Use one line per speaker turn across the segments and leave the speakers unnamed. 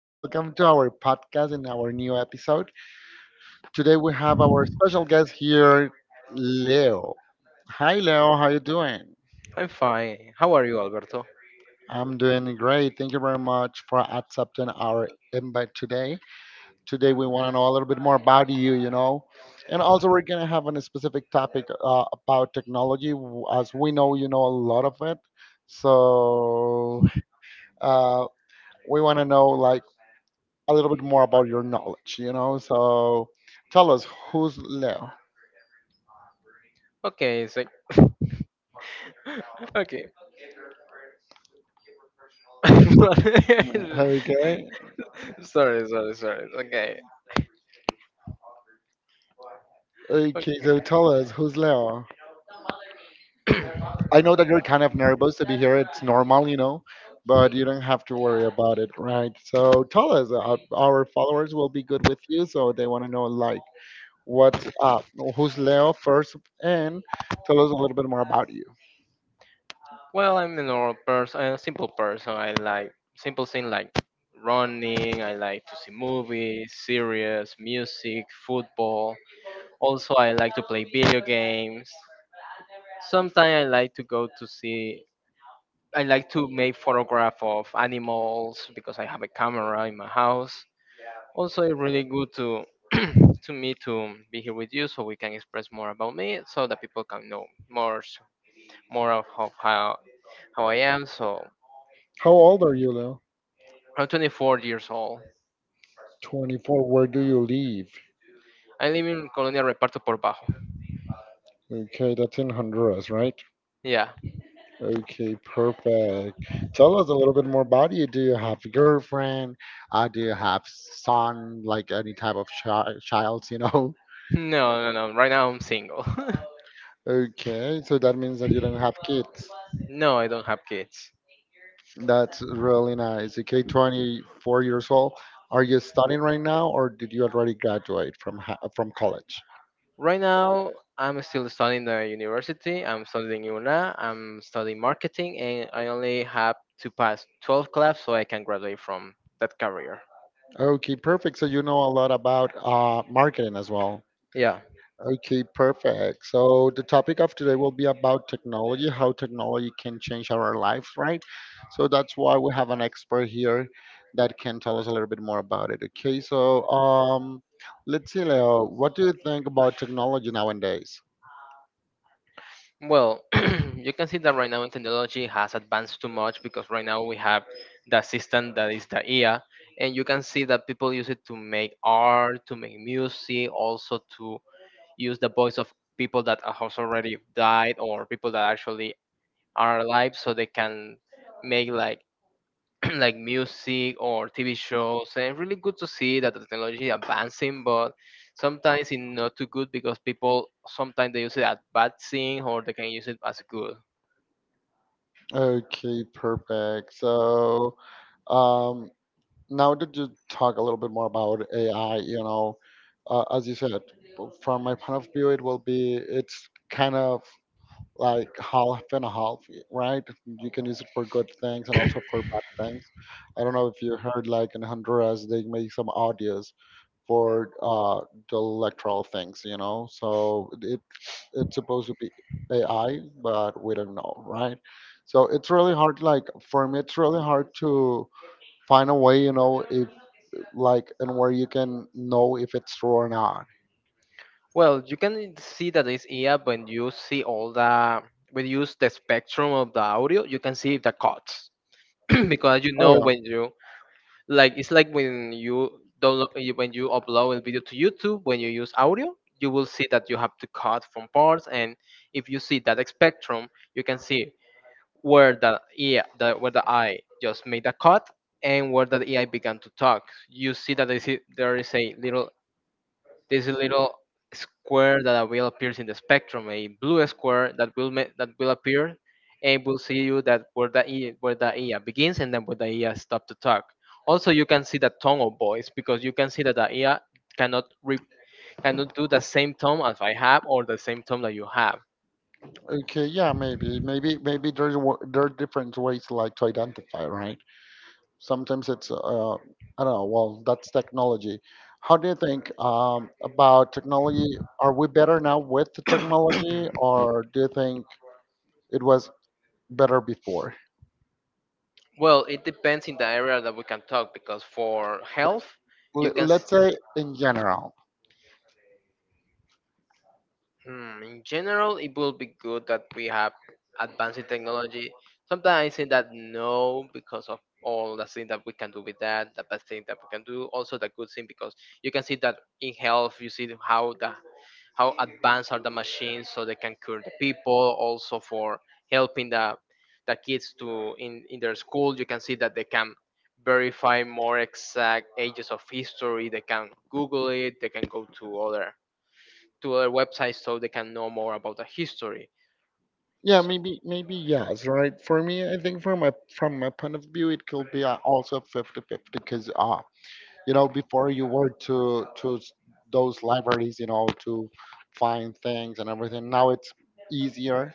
Welcome to our podcast and our new episode. Today we have our special guest here, Leo. Hi, Leo. How you doing?
I'm fine. How are you, Alberto?
I'm doing great. Thank you very much for accepting our invite today. Today we want to know a little bit more about you, you know, and also we're gonna have a specific topic about technology, as we know you know a lot of it. So uh, we want to know like a little bit more about your knowledge, you know. So tell us who's Leo.
Okay, it's like okay.
Okay.
Sorry. Okay.
Okay,
Ok-
so tell us who's Leo. I know that you're kind of nervous to be here. It's normal, you know, but you don't have to worry about it, right? So tell us. Our followers will be good with you, so they want to know like what's up, who's Leo first, and tell us a little bit more about you.
Well, I'm a normal person, a simple person. I like simple things like running. I like to see movies, series, music, football. Also, I like to play video games. Sometimes I like to go to see I like to make photograph of animals because I have a camera in my house. Also, it's really good to to me to be here with you so we can express more about me so that people can know more of how, how I am. So
How old are you, Leo?
I'm 24 years old.
24. Where do you live?
I live in Colonia Reparto por Bajo.
Okay, that's in Honduras, right?
Yeah.
Okay, perfect. Tell us a little bit more about you. Do you have a girlfriend? Do you have son? Like any type of child, you know?
No, no, no. Right now I'm single.
Okay, so that means that you don't have kids.
No, I don't have kids.
That's really nice. Okay, 24 years old. Are you studying right now, or did you already graduate from from college?
Right now, I'm still studying the university. I'm studying UNA. I'm studying marketing, and I only have to pass 12 classes so I can graduate from that career.
Okay, perfect. So you know a lot about marketing as well.
Yeah.
Okay, perfect. So the topic of today will be about technology, how technology can change our lives, right? So that's why we have an expert here that can tell us a little bit more about it. Okay, so let's see, Leo, what do you think about technology nowadays?
Well, you can see that right now in technology has advanced too much because right now we have the system that is the IA, and you can see that people use it to make art, to make music, also to use the voice of people that has already died or people that actually are alive so they can make like like music or TV shows, and really good to see that the technology advancing, but sometimes it's not too good because people sometimes they use it as bad thing or they can use it as good.
Okay, perfect. So um, now that you talk a little bit more about AI, you know, as you said, from my point of view, it will be it's kind of like half and a half, right? You can use it for good things and also for bad things. I don't know if you heard, like in Honduras, they make some audios for the electoral things, you know. So it's supposed to be AI, but we don't know, right? So it's really hard. Like for me, it's really hard to find a way, you know, if like and where you can know if it's true or not.
Well, you can see that it's here when you see all the when you use the spectrum of the audio, you can see the cuts because you
Oh
know
yeah.
when you like it's like when you download when you upload a video to youtube when you use audio you will see that you have to cut from parts. And if you see that spectrum you can see where where the eye just made a cut and where the ai began to talk. You see that there is a little there's a little square that will appear in the spectrum, a blue square that that will appear, and will see you that where where the EA begins and then where the EA stop to talk. Also, you can see the tone of voice because you can see that the EA cannot re- cannot do the same tone as I have or the same tone that you have.
Okay, yeah, maybe there are different ways like to identify, right? Sometimes it's I don't know. Well, that's technology. How do you think about technology? Are we better now with the technology, or do you think it was better before?
Well, it depends in the area that we can talk because for health,
L-
you can. S-
let's say in general.
Hmm, in general, it will be good that we have advancing technology. Sometimes I say that no because of all the things that we can do with that, the bad thing that we can do, also the good thing because you can see that in health you see how advanced are the machines so they can cure the people, also for helping the kids to in their school. You can see that they can verify more exact ages of history, they can Google it, they can go to other websites so they can know more about the history.
Yeah,
So,
maybe yes, right? For me, I think from my point of view, it could be also 50 50 because you know before you were those libraries, you know, to find things and everything. Now it's easier,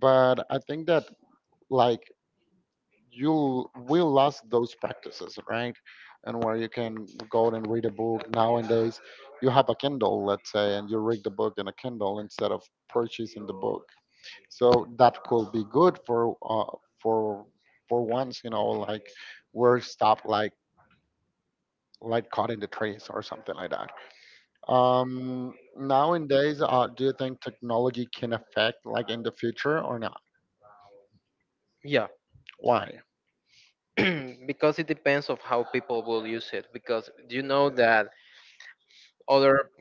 but I think that like you will lost those practices, right? And where you can go and read a book nowadays, you have a kindle, let's say, and you read the book in a kindle instead of purchasing the book. So that could be good for for for once, you know, like we're stopped like cutting the trees or something like that. Nowadays, do you think technology can affect like in the future or not?
yeah.
Why?
Because it depends of how people will use it because you know that other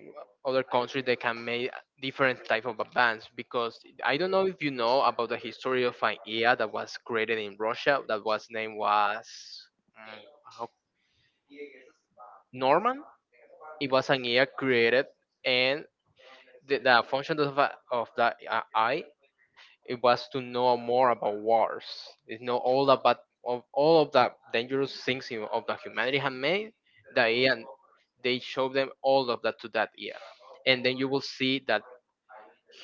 other countries they can make different type of bands. Because I don't know if you know about the history of an ea that was created in russia that was name was mm, how- norman. It was an ea created, and the function of, of the eye, it was to know more about wars. It know all about of all of the dangerous things of the humanity had made. The AI, they show them all of that to that ear, and then you will see that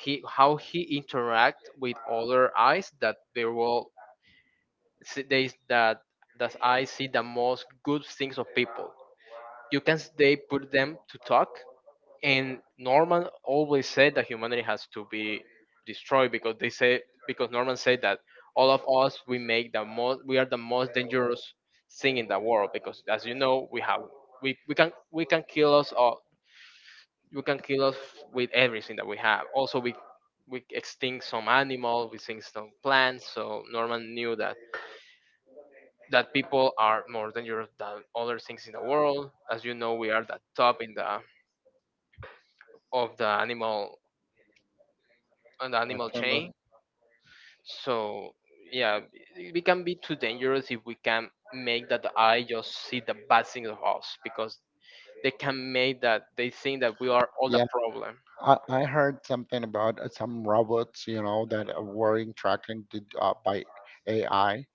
he how he interact with other eyes that they will see they that I see the most good things of people. They put them to talk, and norman always said that humanity has to be destroyed because they say because norman said that all of us we are the most dangerous thing in the world because as you know we can kill us all. You can kill us with everything that we have. Also, we extinct some animal, we extinct some plants. So Norman knew that people are more dangerous than other things in the world. As you know, we are the top in the of the animal, on the
I
animal
kind of.
chain. So yeah, we can be too dangerous if we can make that the eye just see the bad things of us because they can make that they think that we are all the
Yeah,
problem.
I heard something about some robots, you know, that were interacting to, by AI.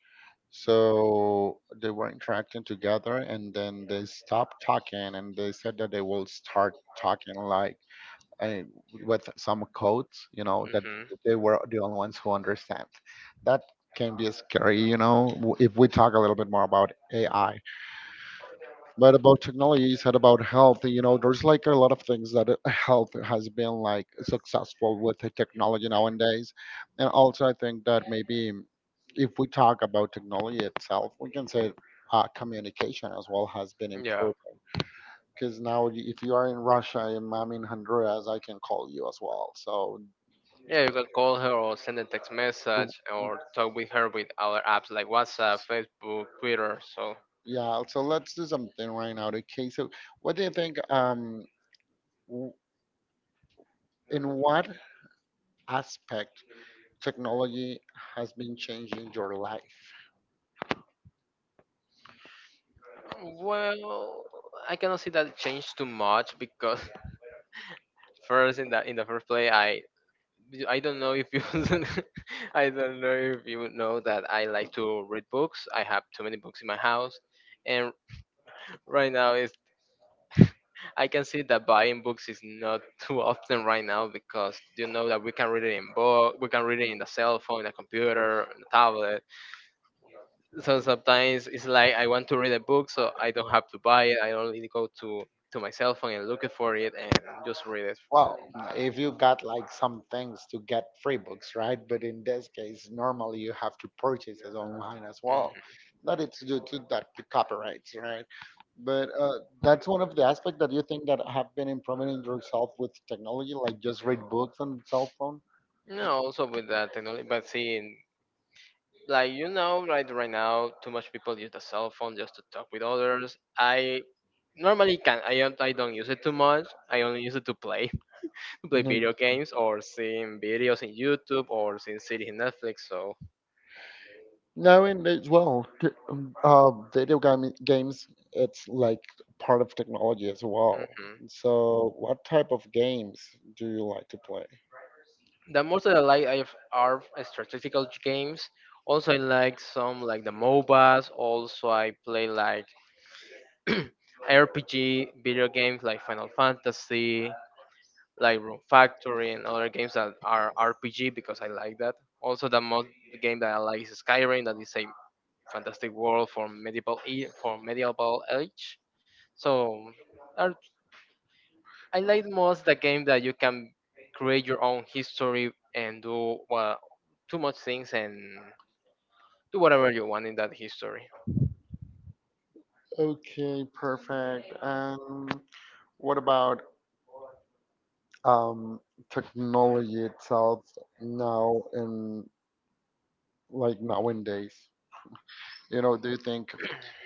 So they were interacting together and then they stopped talking and they said that they will start talking like and with some codes, you know, that
Mhm.
they were the only ones who understand. That can be scary, you know, if we talk a little bit more about AI. But about technology, you said about health, you know, there's like a lot of things that health has been like successful with the technology nowadays. And also, I think that maybe if we talk about technology itself, we can say communication as well has been
Yeah.
improving because now if you are in Russia and I'm in Honduras, I can call you as well. So
Yeah, you can call her or send a text
w-
message
w-
or talk with her with other apps like WhatsApp, Facebook, Twitter. So,
yeah, so let's do something right now. Okay, okay, so what do you think, w- in what aspect technology has been changing your life?
well, I cannot see that change too much because first in the first place, I don't know if you I don't know if you know that I like to read books. I have too many books in my house, and right now it's I can see that buying books is not too often right now because you know that we can read it in book, we can read it in the cell phone, the computer, in the tablet. So sometimes it's like I want to read a book, so I don't have to buy it. I only go to my cell phone and look it for it and just read it.
Well, if you got like some things to get free books, right? But in this case, normally you have to purchase it online as
Mhm.
well. That it's due to that the copyrights, right? But that's one of the aspects that you think that have been improving in yourself with technology, like just read books on cell phone.
No, also with that technology, but see, like you know right now too much people use the cell phone just to talk with others. I normally can I don't use it too much. I only use it to play to play video games or seeing videos in youtube or seeing series in netflix. So
Knowing as well, video game games, it's like part of technology as well.
hmm,
So, what type of games do you like to play?
the most that I like are strategical games. Also I like some like the mobas. Also I play like rpg video games like final fantasy, like Room Factory and other games that are RPG because I like that. Also, the most game that I like is Skyrim, that is a fantastic world for for medieval age. So are- I like most the game that you can create your own history and do well, too much things, and do whatever you want in that history.
Okay, perfect. And what about um, technology itself now and like nowadays? You know, do you think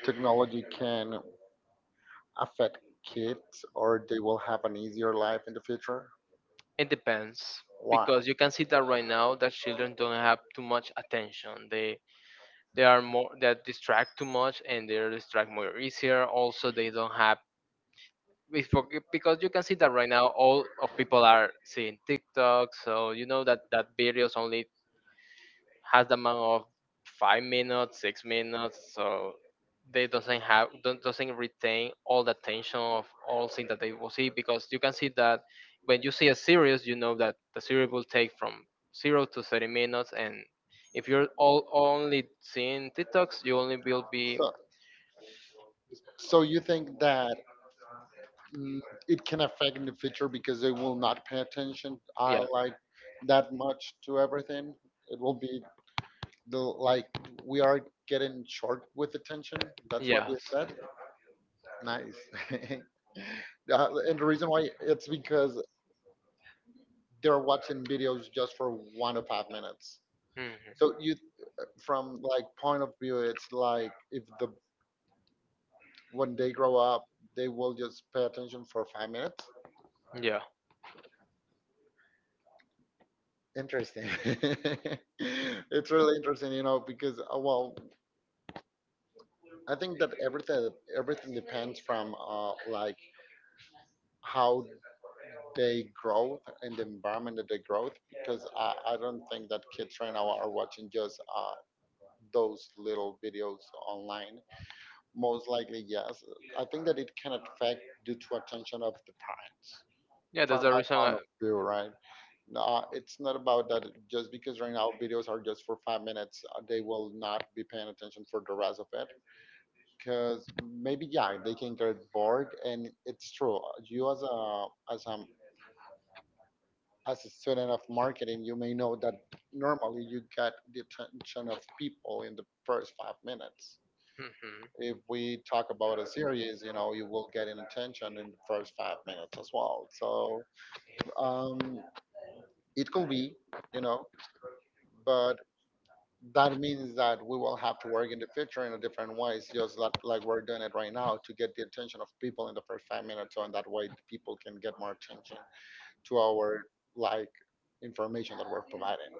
technology can affect kids or they will have an easier life in the future?
It depends
One.
because you can see that right now that children don't have too much attention. They are more that distract too much and they're distract more easier. Also they don't have it's for- because you can see that right now all of people are seeing tiktok, so you know that that videos only has the amount of 5 minutes, 6 minutes, so they doesn't have don't, doesn't retain all the attention of all things that they will see. Because you can see that when you see a series, you know that the series will take from 0 to 30 minutes, and if you're all only seeing TikToks, you only will be
So, you think that mm, it can affect in the future because they will not pay attention
yeah.
like that much to everything. It will be the like we are getting short with attention. That's what you
Yes.
said. Nice. And the reason why it's because they're watching videos just for 1 to 5 minutes.
Mhm.
So you, from like point of view, it's like if the when they grow up, they will just pay attention for 5 minutes.
Yeah.
Interesting. It's really interesting, you know, because well, I think that everything depends from like how they grow and the environment that they grow. Because I don't think that kids right now are watching just those little videos online. Most likely, yes. I think that it can affect due to attention of the parents.
Yeah,
From
that's the
my
reason.
point
I,
of view, right? It's not about that just because right now videos are just for 5 minutes, they will not be paying attention for the rest of it. Because maybe yeah, they can get bored, and it's true. You as a as a as a student of marketing, you may know that normally you get the attention of people in the first 5 minutes.
Mhm.
If we talk about a series, you know, you will get an attention in the first 5 minutes as well. So um, it could be, you know, but that means that we will have to work in the future in a different ways, just like we're doing it right now to get the attention of people in the first 5 minutes, so in that way the people can get more attention to our like information that we're providing.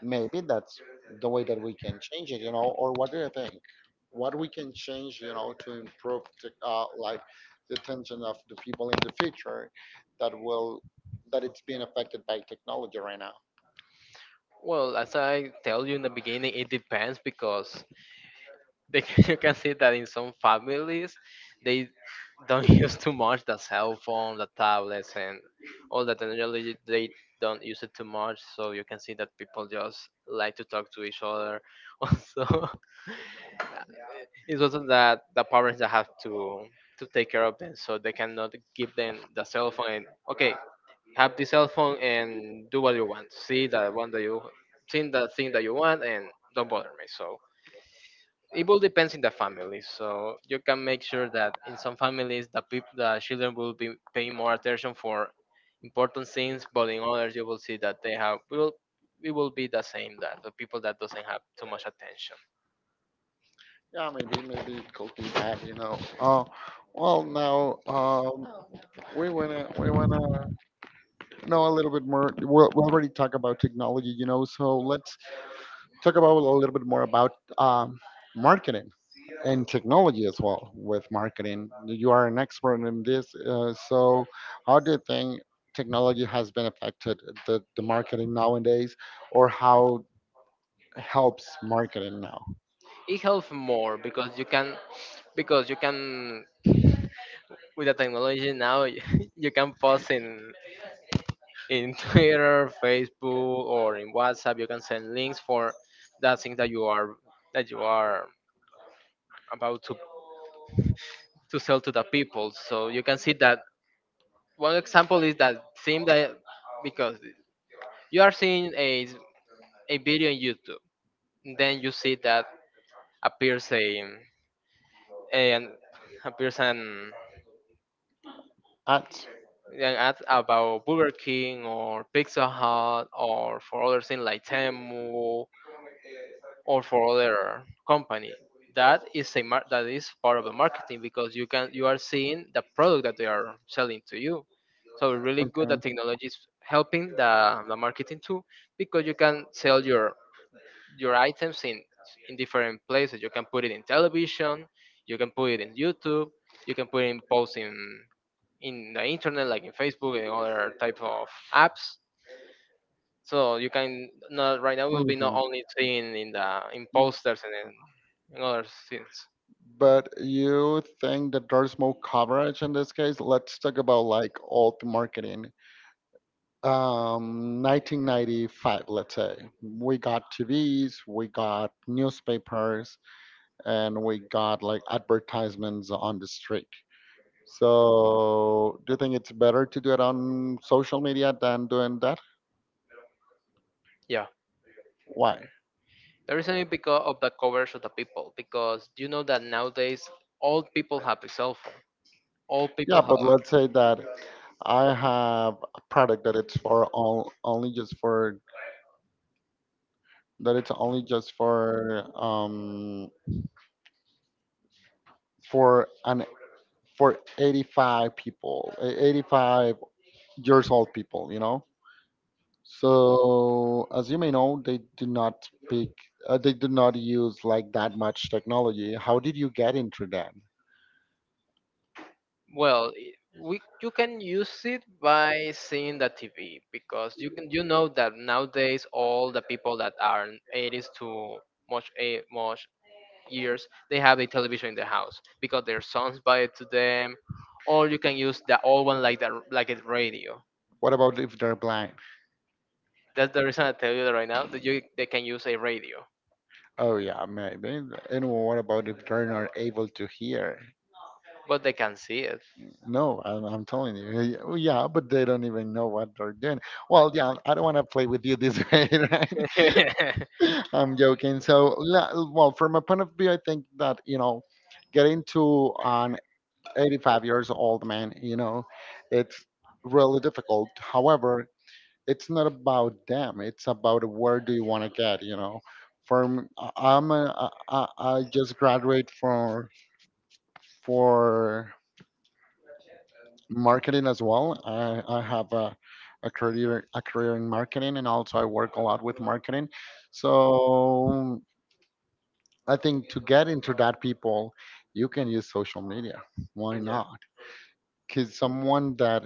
Maybe that's the way that we can change it, you know. Or what do you think? What we can change, you know, to improve the, like the attention of the people in the future that will that it's being affected by technology right now.
Well, as I tell you in the beginning, it depends because they, you can see that in some families, they don't use too much the cell phone, the tablets, and all that technology. They don't use it too much, so you can see that people just like to talk to each other. Also, it's also that the parents that have to take care of them, so they cannot give them the cell phone. And, okay, have the cell phone and do what you want. See that one that you think that thing that you want and don't bother me. So it will depends in the family. So you can make sure that in some families the children will be paying more attention for important things, but in others you will see that they have will it will be the same that the people that doesn't have too much attention.
Yeah, maybe they be that, you know. Well, now oh, we wanna know a little bit more. We already talk about technology, you know. So let's talk about a little bit more about um, marketing and technology as well with marketing. You are an expert in this, so how do you think technology has been affected the marketing nowadays, or how helps marketing now?
It helps more because you can because you can with the technology now you can pause in Twitter, Facebook, or in WhatsApp. You can send links for that thing that you are that you are about to sell to the people. So you can see that one example is that theme that because you are seeing a video on YouTube, then you see that appears a and appears
Ads.
an ad about Burger King or Pizza Hut or for other things like Temu or for other company that is a that is part of the marketing because you can you are seeing the product that they are selling to you so really good
Okay.
that technology is helping the marketing too because you can sell your items in different places. You can put it in television, you can put it in youtube, you can put it in posts in the internet like in facebook and other type of apps, so you can not right now will be not
Mhm.
only seen in the in posters and in other scenes.
But you think that there's more coverage in this case? Let's talk about like old marketing. 1995, let's say. We got TVs, we got newspapers, and we got like advertisements on the street. So, do you think it's better to do it on social media than doing that?
Yeah,
Why?
the reason is because of the coverage of the people. Because you know that nowadays all people have a cell phone. All people
Yeah,
have.
but let's say that I have a product that it's for all only just for that it's only just for an for 85 people, eh, 85 years old people, you know. So as you may know, they do not speak, they do not use like that much technology. How did you get into that?
Well, we you can use it by seeing the TV because you can you know that nowadays all the people that are 80s to much a much years they have a television in the house because their sons buy it to them, or you can use the old one like that, like a radio.
What about if they're blind?
That's the reason I tell you that right now that you they can use a radio,
Oh yeah, maybe. And what about if they're not able to hear?
but they can see it.
No, I'm telling you. Yeah, but they don't even know what they're doing. Well, yeah, I don't want to play with you this way, right?
Yeah.
I'm joking. So, well, from a point of view, I think that, you know, getting to an 85 years old man, you know, it's really difficult. However, it's not about them. It's about where do you want to get, you know. From I'm a, I just graduate from for marketing as well. I have a career in marketing, and also I work a lot with marketing. So I think to get into that people, you can use social media. Why not? Because someone that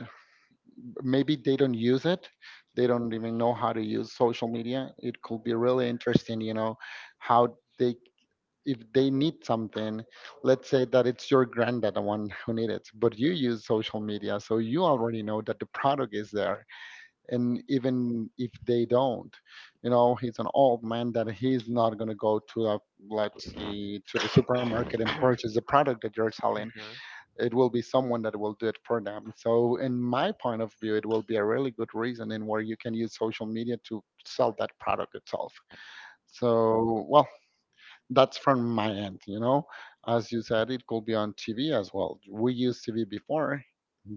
maybe they don't use it, they don't even know how to use social media. It could be really interesting, you know, how they if they need something, let's say that it's your granddad the one who needs it, but you use social media, so you already know that the product is there. And even if they don't, you know, he's an old man that he's not going to go to a, let's see, to the supermarket and purchase the product that you're selling.
Hmm.
It will be someone that will do it for them. So in my point of view, it will be a really good reason in where you can use social media to sell that product itself. So well, that's from my end, you know. As you said, it could be on TV as well. We used TV before.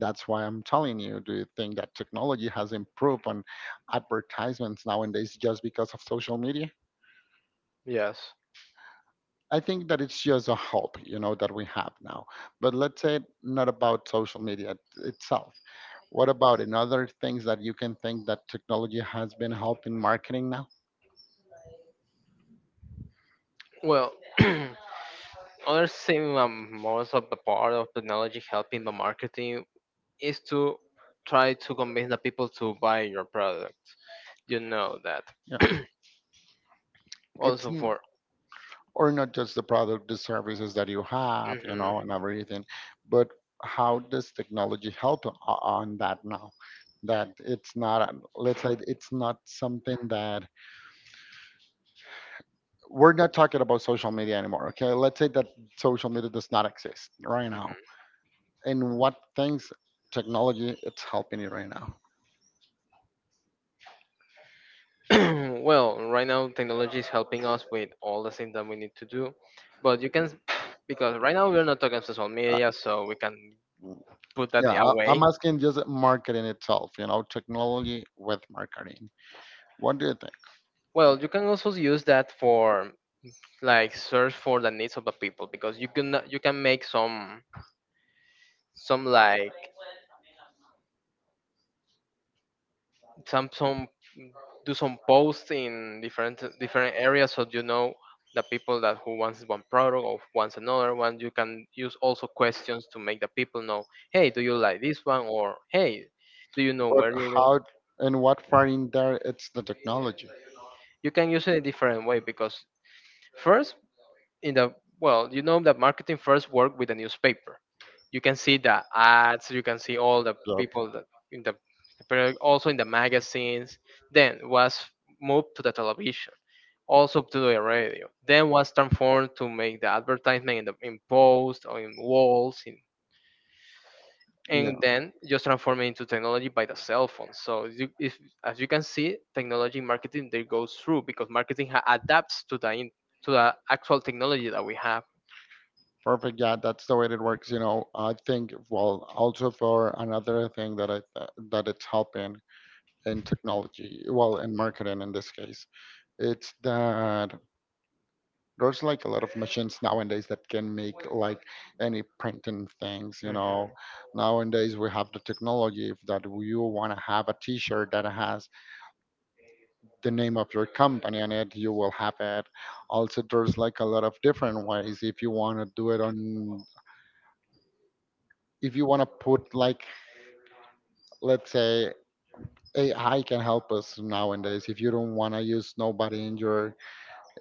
That's why I'm telling you, do you think that technology has improved on advertisements nowadays just because of social media?
Yes.
I think that it's just a hope, you know, that we have now. But let's say not about social media itself, what about in other things that you can think that technology has been helping marketing now?
Well, other thing, most of the part of technology helping the marketing is to try to convince the people to buy your product, you know that.
Yeah, it's
Also
n-
for…
or not just the product, the services that you have, you know, and everything. But how does technology help on that now? That it's not, let's say it's not something that we're not talking about social media anymore. Okay. Let's say that social media does not exist right now.
Mhm.
And what things technology it's helping you right now?
Well, right now technology is helping us with all the things that we need to do, but because right now we're not talking social
Uh,
media, so we can put that
yeah. I-
away.
I'm asking just marketing itself, you know, technology with marketing. What do you think?
Well, you can also use that for like search for the needs of the people because you can make some like some do some posts in different areas so you know the people that who wants one product or wants another one. You can use also questions to make the people know, hey, do you like this one, or hey, do you know
But
where you live.
how and what far in there it's the technology.
You can use it a different way because first in the… Well, you know that marketing first work with a newspaper. You can see the ads, you can see all the
Yep.
people that in the… but also in the magazines, then was moved to the television, also to the radio. Then was transformed to make the advertisement in the in posts or in walls, in,
Yeah,
and then just transform it into technology by the cell phone. So you, if, as you can see, technology in marketing they goes through because marketing adapts to the in, to the actual technology that we have.
perfect. Yeah, that's the way it works. You know, I think well, also for another thing that I th that it's helping in technology, well, in marketing in this case, it's that there's like a lot of machines nowadays that can make like any printing things. You know,
Hmm.
nowadays we have the technology if that you want to have a T-shirt that has the name of your company on it, you will have it. Also, there's like a lot of different ways if you want to do it on, if you want to put like, let's say, AI can help us nowadays if you don't want to use nobody in your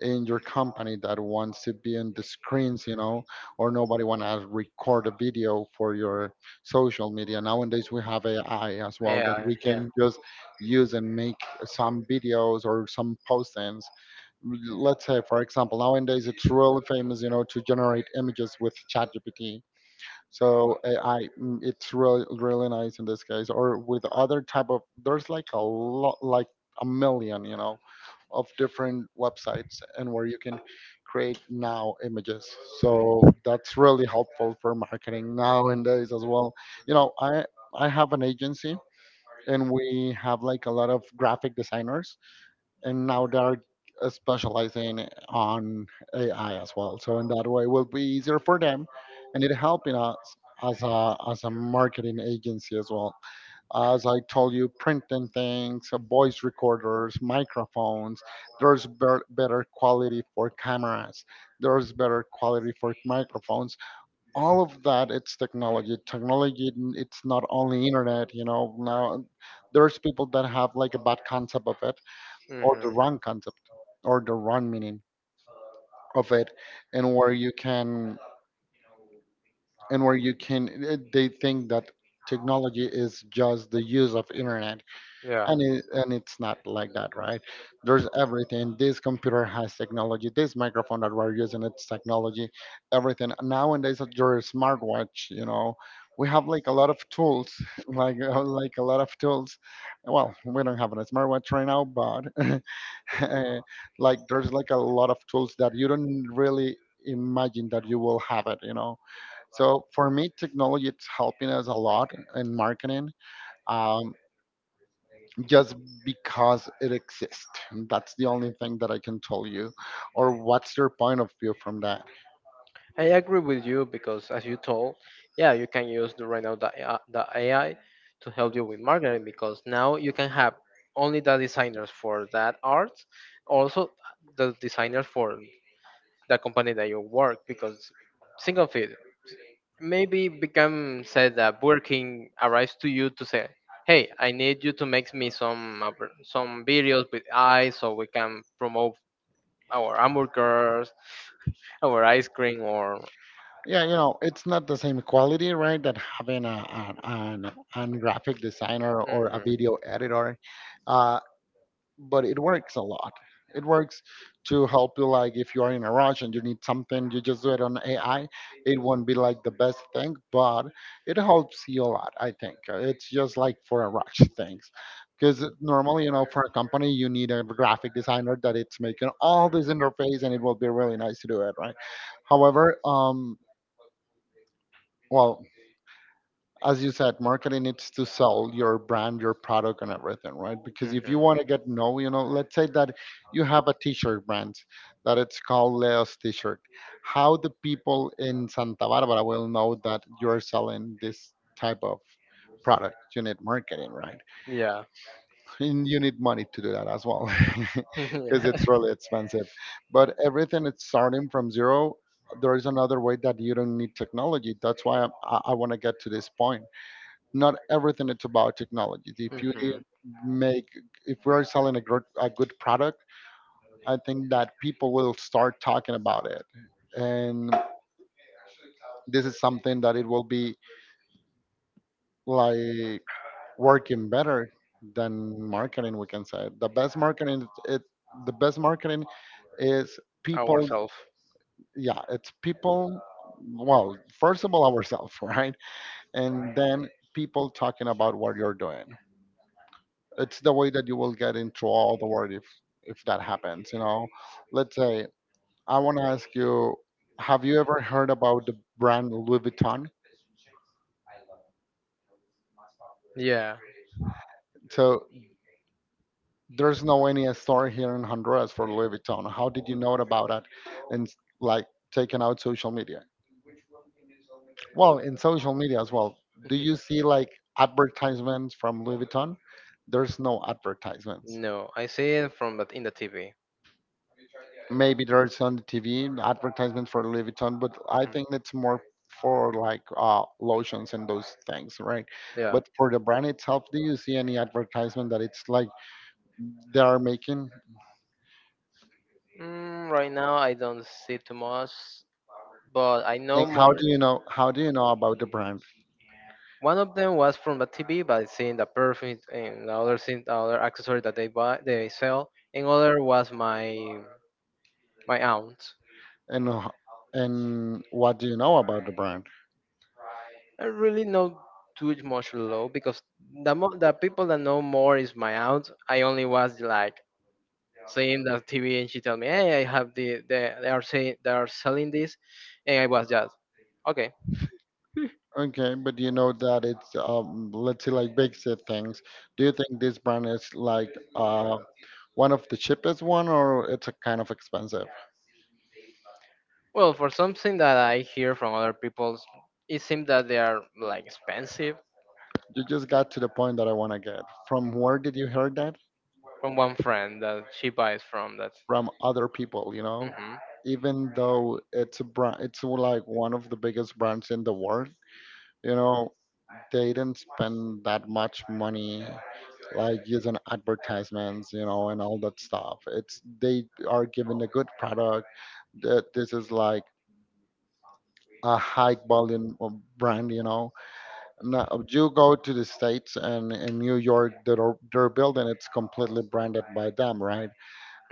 in your company that wants to be in the screens, you know, or nobody want to record a video for your social media. Nowadays we have AI as well that
Yeah,
we
yeah.
can just use and make some videos or some postings. Let's say for example nowadays it's really famous, you know, to generate images with ChatGPT. So AI, it's really really nice in this case, or with other type of, there's like a lot like a million, you know, of different websites and where you can create now images. So that's really helpful for marketing nowadays as well. You know, I have an agency, and we have like a lot of graphic designers, and now they're specializing on AI as well. So in that way, it will be easier for them, and it helping us as a marketing agency as well. As I told you, printing things, voice recorders, microphones. There's better quality for cameras. There's better quality for microphones. All of that, it's technology. Technology, it's not only internet. You know, now there's people that have like a bad concept of it, or the
Hmm.
wrong concept, or the wrong meaning of it, and where you can and where you can they think that technology is just the use of internet.
Yeah.
And it, and it's not like that, right? There's everything, this computer has technology, this microphone that we're using it's technology, everything nowadays at your smartwatch, you know, we have like a lot of tools like a lot of tools. Well, we don't have a smartwatch right now but like there's like a lot of tools that you don't really imagine that you will have it, you know. So for me technology it's helping us a lot in marketing, um, just because it exists. That's the only thing that I can tell you. Or what's your point of view from that?
I agree with you because, as you told, yeah, you can use the, right now the AI, the AI to help you with marketing because now you can have only the designers for that art, also the designers for the company that you work because think of it, maybe become said that Burger King arrives to you to say, "Hey, I need you to make me some some videos with eyes so we can promote our hamburgers, our ice cream, or."
Yeah, you know it's not the same quality, right? That having a an graphic designer or a
Mhm,
video editor. Uh, but it works a lot. It works to help you, like if you are in a rush and you need something, you just do it on AI. It won't be like the best thing, but it helps you a lot. I think it's just like for a rush things, because normally, you know, for a company, you need a graphic designer that it's making all this interface, and it will be really nice to do it, right? However, well, as you said, marketing needs to sell your brand, your product, and everything, right? Because if you
mhm.
want to get know, you know, let's say that you have a T-shirt brand that it's called Leo's T-shirt. How the people in Santa Barbara will know that you're selling this type of product? You need marketing, right?
Yeah.
And you need money to do that as well, because
Yeah.
it's really expensive. But everything it's starting from zero. There is another way that you don't need technology. That's why I want to get to this point. Not everything it's about technology. If you
Mhm.
make, if we're selling a good product, I think that people will start talking about it, and this is something that it will be like working better than marketing. We can say the best marketing, it the best marketing is people.
Ourselves.
Yeah, it's people. Well, first of all, ourselves, right, and then people talking about what you're doing. It's the way that you will get into all the world if that happens, you know. Let's say I want to ask you, have you ever heard about the brand Louis Vuitton?
Yeah.
So there's no any store here in Honduras for Louis Vuitton. How did you know about that? And, like, taking out social media, well, in social media as well, do you see like advertisements from Louis Vuitton? There's no advertisements.
No, I see it from that in the TV.
Maybe there's on the TV advertisement for Louis Vuitton, but I think it's more for like lotions and those things, right?
Yeah.
But for the brand itself, do you see any advertisement that it's like they are making?
Mm, right now, I don't see too much, but I know
And how
more.
do you know? How do you know about the brand?
One of them was from the TV, but seeing the perfume and the other thing, the other accessory that they buy, they sell. And other was my my aunt.
And and what do you know about the brand?
I really know too much low because the people that know more is my aunt. I only was like seeing the TV and she tell me, hey, I have the they are saying they are selling this, and I was just okay.
Okay, but you know that it's let's say like basic things. Do you think this brand is like one of the cheapest one or it's a kind of expensive?
Well, for something that I hear from other people, it seems that they are like expensive.
You just got to the point that I want to get. From where did you hear that?
From one friend that she buys from that.
From other people, you know?
Hmm.
Even though it's a brand, it's like one of the biggest brands in the world, you know, they didn't spend that much money like using advertisements, you know, and all that stuff. It's they are giving a good product. That this is like a high volume of brand, you know. Now, if you go to the States and in New York, their building, it's completely branded by them, right?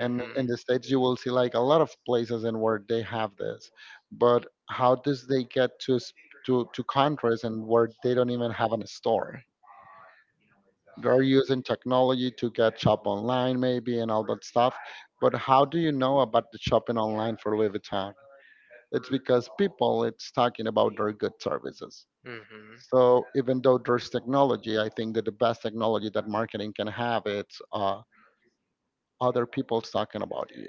And in the States, you will see like a lot of places in where they have this. But how does they get to, to countries and where they don't even have a store? They're using technology to get shop online maybe and all that stuff. But how do you know about the shopping online for Louis Vuitton? It's because people, it's talking about their good services.
Hmm.
So even though there's technology, I think that the best technology that marketing can have it's other people talking about you.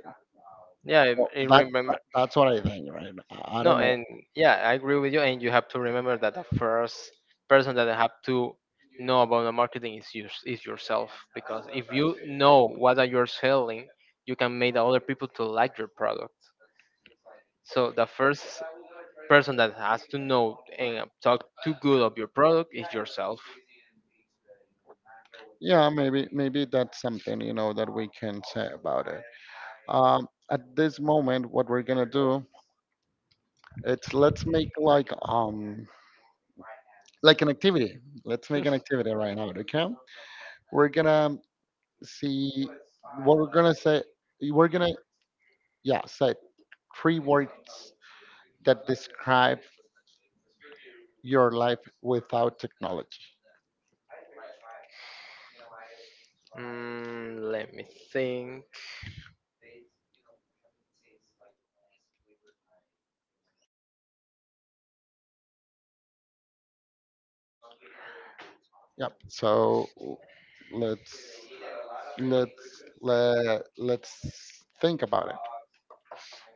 Yeah,
Well,
I remember.
that's what I think, right? I don't
No,
know.
and yeah, I agree with you. And you have to remember that the first person that have to know about the marketing is you, is yourself. Because if you know what are you're selling, you can make the other people to like your product. So the first person that has to know and talk too good of your product is yourself.
Yeah, maybe that's something you know that we can say about it. At this moment, what we're gonna do it's let's make like an activity. Let's make an activity right now. Okay, we're gonna see what we're gonna say. We're gonna yeah say 3 words that describe your life without technology.
Mm, let me think.
Yep. So let's let's think about it.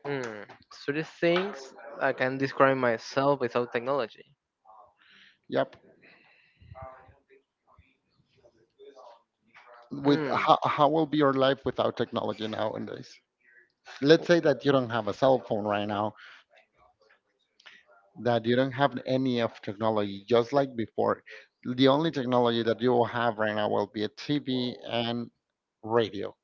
Hmm. Three things I can describe myself without technology.
Yep. With
Hmm.
how will be your life without technology nowadays? Let's say that you don't have a cell phone right now. That you don't have any of technology, just like before. The only technology that you will have right now will be a TV and radio.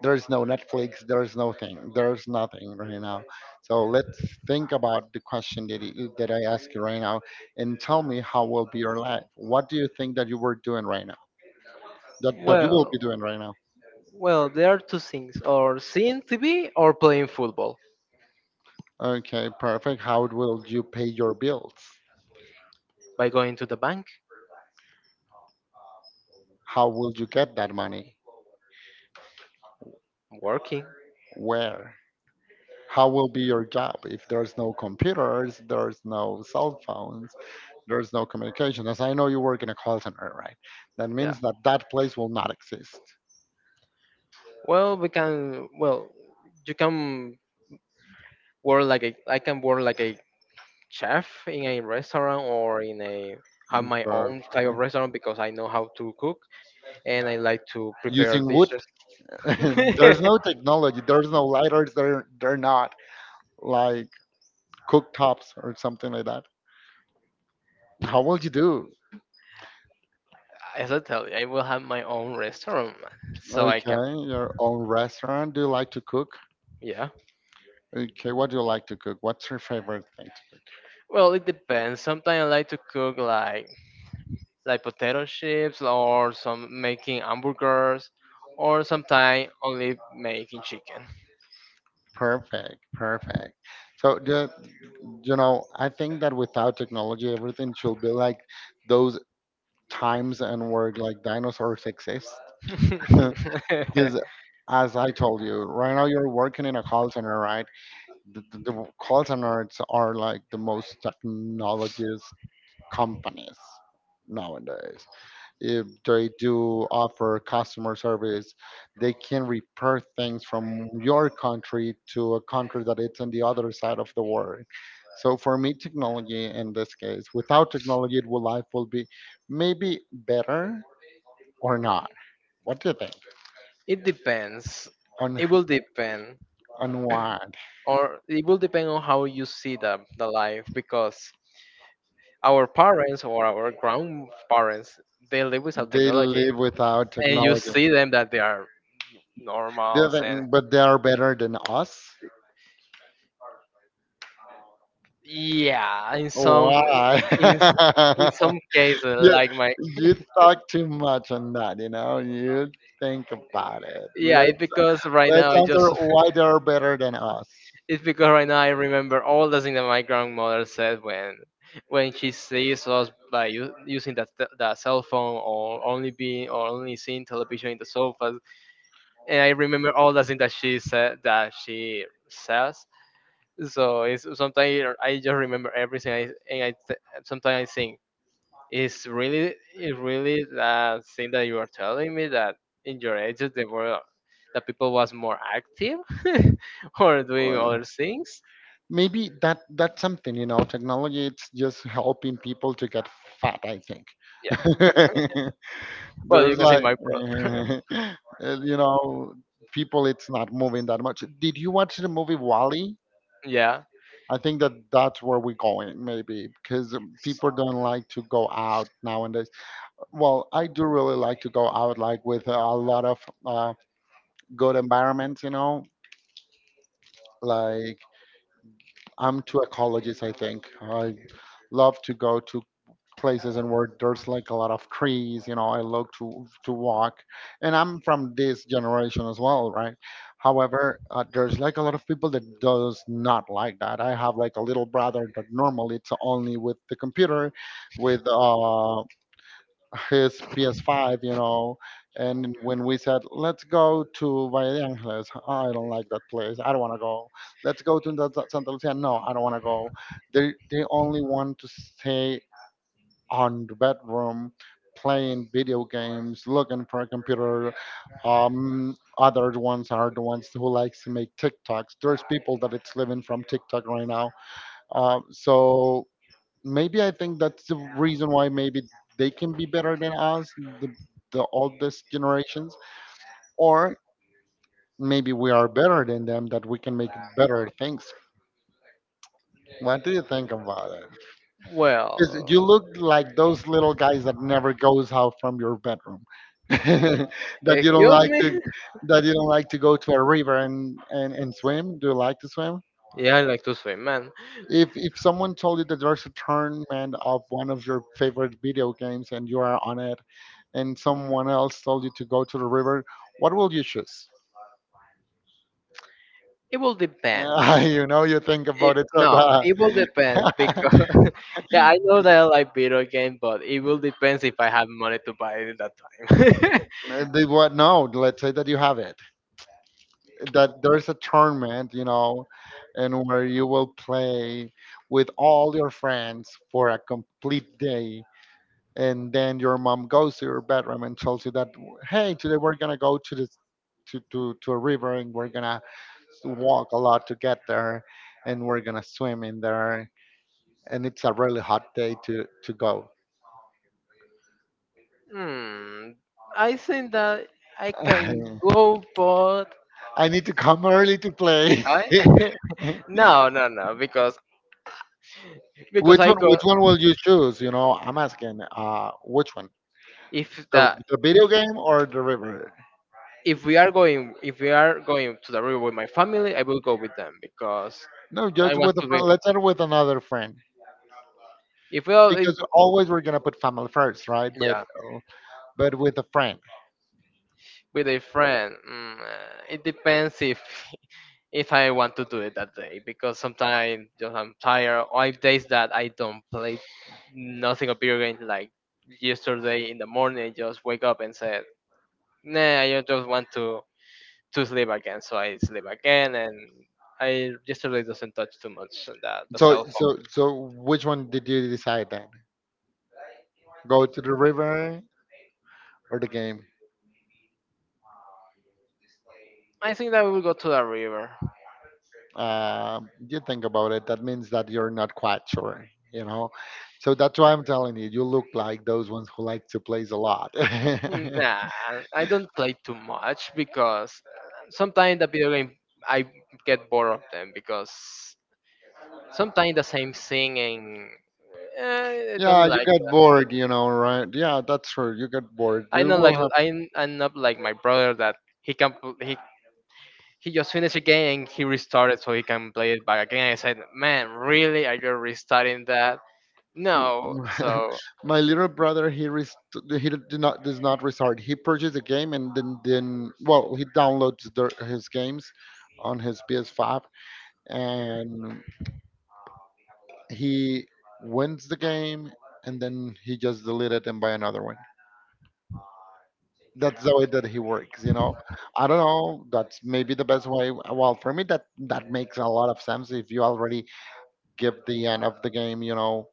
There's no Netflix, there's no thing. There's nothing right now. So let's think about the question that I ask you right now and tell me how will be your life. What do you think that you were doing right now? That you will
Well,
be doing right now?
well, there are two things: or seeing TV or playing football.
Okay, perfect. How will you pay your bills?
By going to the bank,
How will you get that money?
working.
Where? How will be your job if there's no computers, there's no cell phones, there's no communication? As I know, you work in a call center, right? That
Yeah.
means that that place will not exist.
Well, we can. Well, you can work like a… I can work like a chef in a restaurant or in a… have
And
my
for-
own type
uh,
of restaurant because I know how to cook and I like to prepare
using wood,
dishes.
there's no technology, there's no lighters, there they're not like cooktops or something like that. How will you do?
As I tell you, I will have my own restaurant, so I can.
Okay, your own restaurant. Do you like to cook?
Yeah.
Okay, what do you like to cook? What's your favorite thing to cook?
Well, it depends. Sometimes I like to cook like potato chips or some making hamburgers, or sometimes only making chicken.
Perfect, perfect. So I think that without technology, everything should be like those times and where like dinosaurs exist. Because as I told you, right now you're working in a call center, right? The call centers are like the most technologies companies nowadays, if they do offer customer service, they can repair things from your country to a country that it's on the other side of the world. So for me, technology in this case, without technology, it will life will be maybe better or not. What do you think?
It depends.
On
It will depend.
on what
Or it will depend on how you see the life because our parents or our grandparents they live without
they
technology,
live without
and you
technology?
see them that they are
Do you
normals and…
think, but they are better than us?
Yeah, in some,
Why?
in, s- in some cases
you
like my…
you talk too much on that. You know, you think about it.
Yeah,
Let
it's because right
let's
now I just
answer why they're better than us.
It's because right now I remember all the things that my grandmother said when she sees us by using that the cell phone or only being or only seeing television in the sofa, and I remember all the things that she said that she says. So it's sometimes I just remember everything, I, and I sometimes I think it's really the thing that you are telling me that in your ages the world the people was more active. Or doing
Uh,
other things.
Maybe that that's something. You know, technology it's just helping people to get fat, I think.
Yeah. Well, you
There's
can say
like,
my pro.
uh, you know, people, it's not moving that much. Did you watch the movie Wally?
Yeah.
I think that that's where we're going, maybe, because people don't like to go out now. And well, I do really like to go out, like with a lot of uh, good environments, you know. Like, I'm too ecologist, I think. I love to go to places and where there's like a lot of trees, you know, I love to walk. And I'm from this generation as well, right? However, there's like a lot of people that does not like that. I have like a little brother that normally it's only with the computer, with his PS5, you know. And when we said, let's go to Valle de Angeles, I don't like that place, I don't want to go. Let's go to the Santa Lucia. No, I don't want to go. They only want to stay on the bedroom playing video games, looking for a computer. Other ones are the ones who likes to make TikToks. There's people that it's living from TikTok right now. So maybe I think that's the reason why maybe they can be better than us, the oldest generations, or maybe we are better than them that we can make better things. What do you think about it?
Well.
'Cause you look like those little guys that never goes out from your bedroom. That you don't
Excuse
like
me.
to that you don't like to go to a river and swim. Do you like to swim?
Yeah, I like to swim, man.
If someone told you that there's a tournament of one of your favorite video games and you are on it, and someone else told you to go to the river, what will you choose?
It will depends.
You know, you think
It,
about it. But,
no, it will depend because yeah, I know that I like video game, but it will depends if I have money to buy it at that
they what? No, let's say that you have it. That there's a tournament, you know, and where you will play with all your friends for a complete day. And then your mom goes to your bedroom and tells you that, hey, today we're gonna go to this to a river and we're gonna walk a lot to get there, and we're gonna swim in there, and it's a really hot day
time.
to go.
Hmm, I think that I can go, but
I need to come early to play.
I…
Which one?
no, no, no, because
Which
I go
one will you choose? You know, I'm asking. Which one?
if
The,
the
the video game or the river?
if we are going if we are going to the river with my family, I will go with them because
No,
I
just
want
with a
to be
friend. Let's start with another friend,
if we all if,
because always we're gonna put family first, right?
yeah.
But with a friend.
With a friend, mm, it depends if if I want to do it that day because sometimes just I'm tired or I have days that I don't play nothing of video games like yesterday in the morning. I just wake up and said, nah, I just want to sleep again, so I sleep again and I yesterday doesn't touch too much on that the
So
cell phone.
so so which one did you decide then? Go to the river or the game?
I think that we will go to the river.
Uh, you think about it, that means that you're not quite sure, you know. So that's why I'm telling you, you look like those ones who like to play a lot. Yeah,
Nah, I don't play too much because sometimes the video game I get bored of them because sometimes the same thing and I don't
you
like
get
that.
bored, you know, right? Yeah, that's true. You get bored.
I
You
not
will
like
have.
I… I'm not like my brother that he just finished a game and he restarted so he can play it back again. I said, man, really? Are you restarting that? No. So
My little brother, he rest- he did not does not restart. He purchased a game and then well, he downloads the, his games on his PS5, and he wins the game and then he just delete it and buy another one. That's the way that he works, you know. I don't know. That's maybe the best way. Well, for me, that that makes a lot of sense. If you already give the end of the game, you know,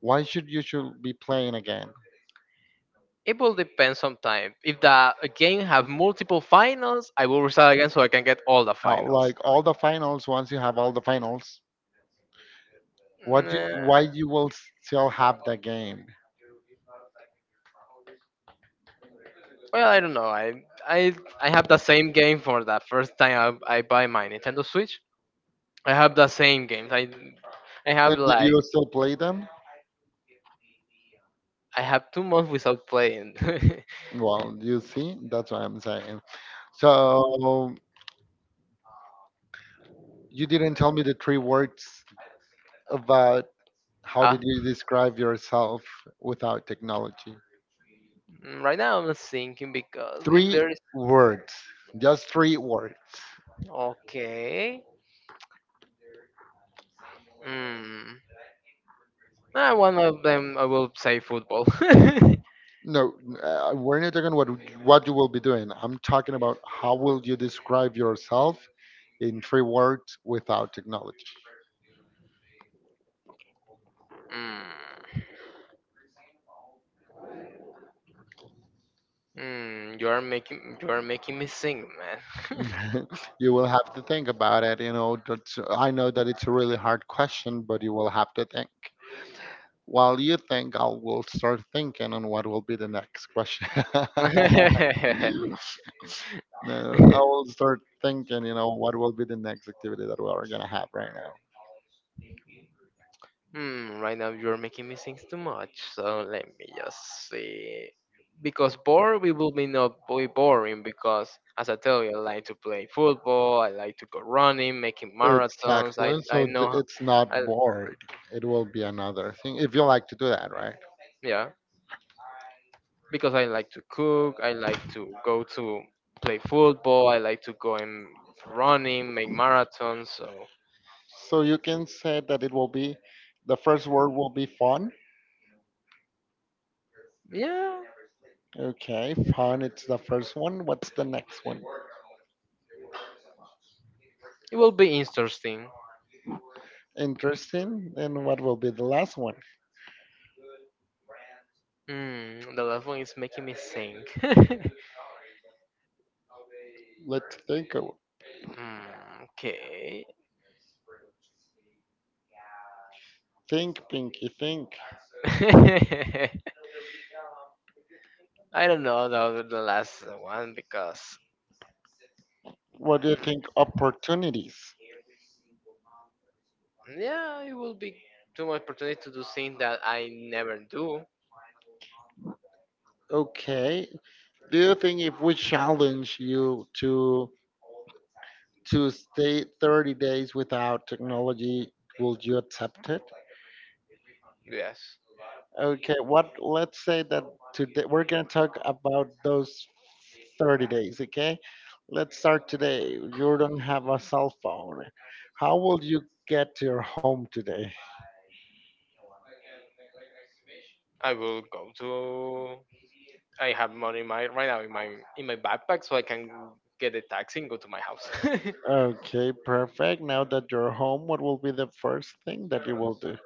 why should you should be playing again?
it will depend sometimes. If the game have multiple finals, I will restart again so I can get all the
Now,
finals.
like all the finals, once you have all the finals, what do,
Nah.
why you will still have the game?
Well, I don't know. I have the same game for the first time I buy my Nintendo Switch. I have the same games. I have
And did
like
you still play them?
I have 2 months without playing.
Well, you see, that's what I'm saying. So you didn't tell me the three words about how
Uh,
did you describe yourself without technology?
mm, right now I'm thinking because if
Three
there is…
words, just three words.
Okay, mm, ah, one of them I will say football. Mm,
No, we're not talking what you will be doing. I'm talking about how will you describe yourself in three words without technology.
mm, you are making me think, man.
You will have to think about it. You know, that's, I know that it's a really hard question, but you will have to think. While you think, I will start thinking on what will be the next question. No, I will start thinking, you know, what will be the next activity that we are gonna have right now.
Hmm, right now you're making me think too much, so let me just see. Because bored, we will be not be boring. Because as I tell you, I like to play football, I like to go running, making marathons.
Exactly.
I
So th-
know,
it's
I…
not bored. It will be another thing if you like to do that, right?
Yeah. Because I like to cook, I like to go to play football, I like to go and running, make marathons. So
So you can say that it will be the first word will be fun.
yeah.
Okay, fun. It's the first one. What's the next one?
It will be interesting.
Interesting. And what will be the last one?
Mm, the last one is making me think.
Let's think.
Hmm, okay.
Think, Pinky, think.
I don't know the last one because…
What do you think? Opportunities.
Yeah, it will be too much opportunity to do things that I never do.
Okay. Do you think if we challenge you to stay 30 days without technology, will you accept it?
Yes,
Okay. What? Let's say that today we're gonna talk about those 30 days. Okay. Let's start today. You don't have a cell phone. How will you get to your home today?
I will go to. I have money in my right now in my backpack, so I can get a taxi and go to my house.
Okay, perfect. Now that you're home, what will be the first thing that you will do?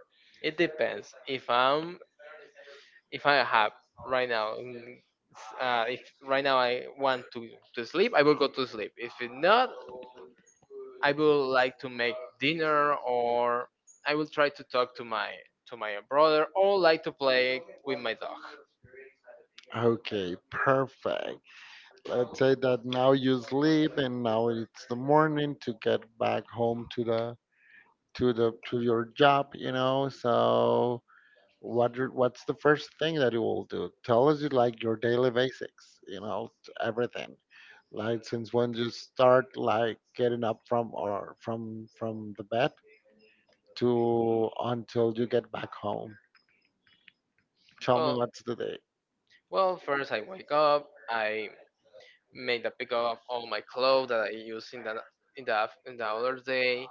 It depends. If I'm if I have right now, mm, if right now I want to sleep, I will go to sleep. If it not, I would like to make dinner, or I will try to talk to my brother, or like to play with my dog.
Okay, perfect. Let's say that now you sleep and now it's the morning to get back home to the to the to your job, you know. So what do- what's the first thing that you will do? Tell us you like your daily basics, you know, everything. Like since when you start like getting up from or from from the bed to until you get back home. Tell me
Well,
what's the day.
well, first I wake up, I make the pick up all my clothes that I used in the other day.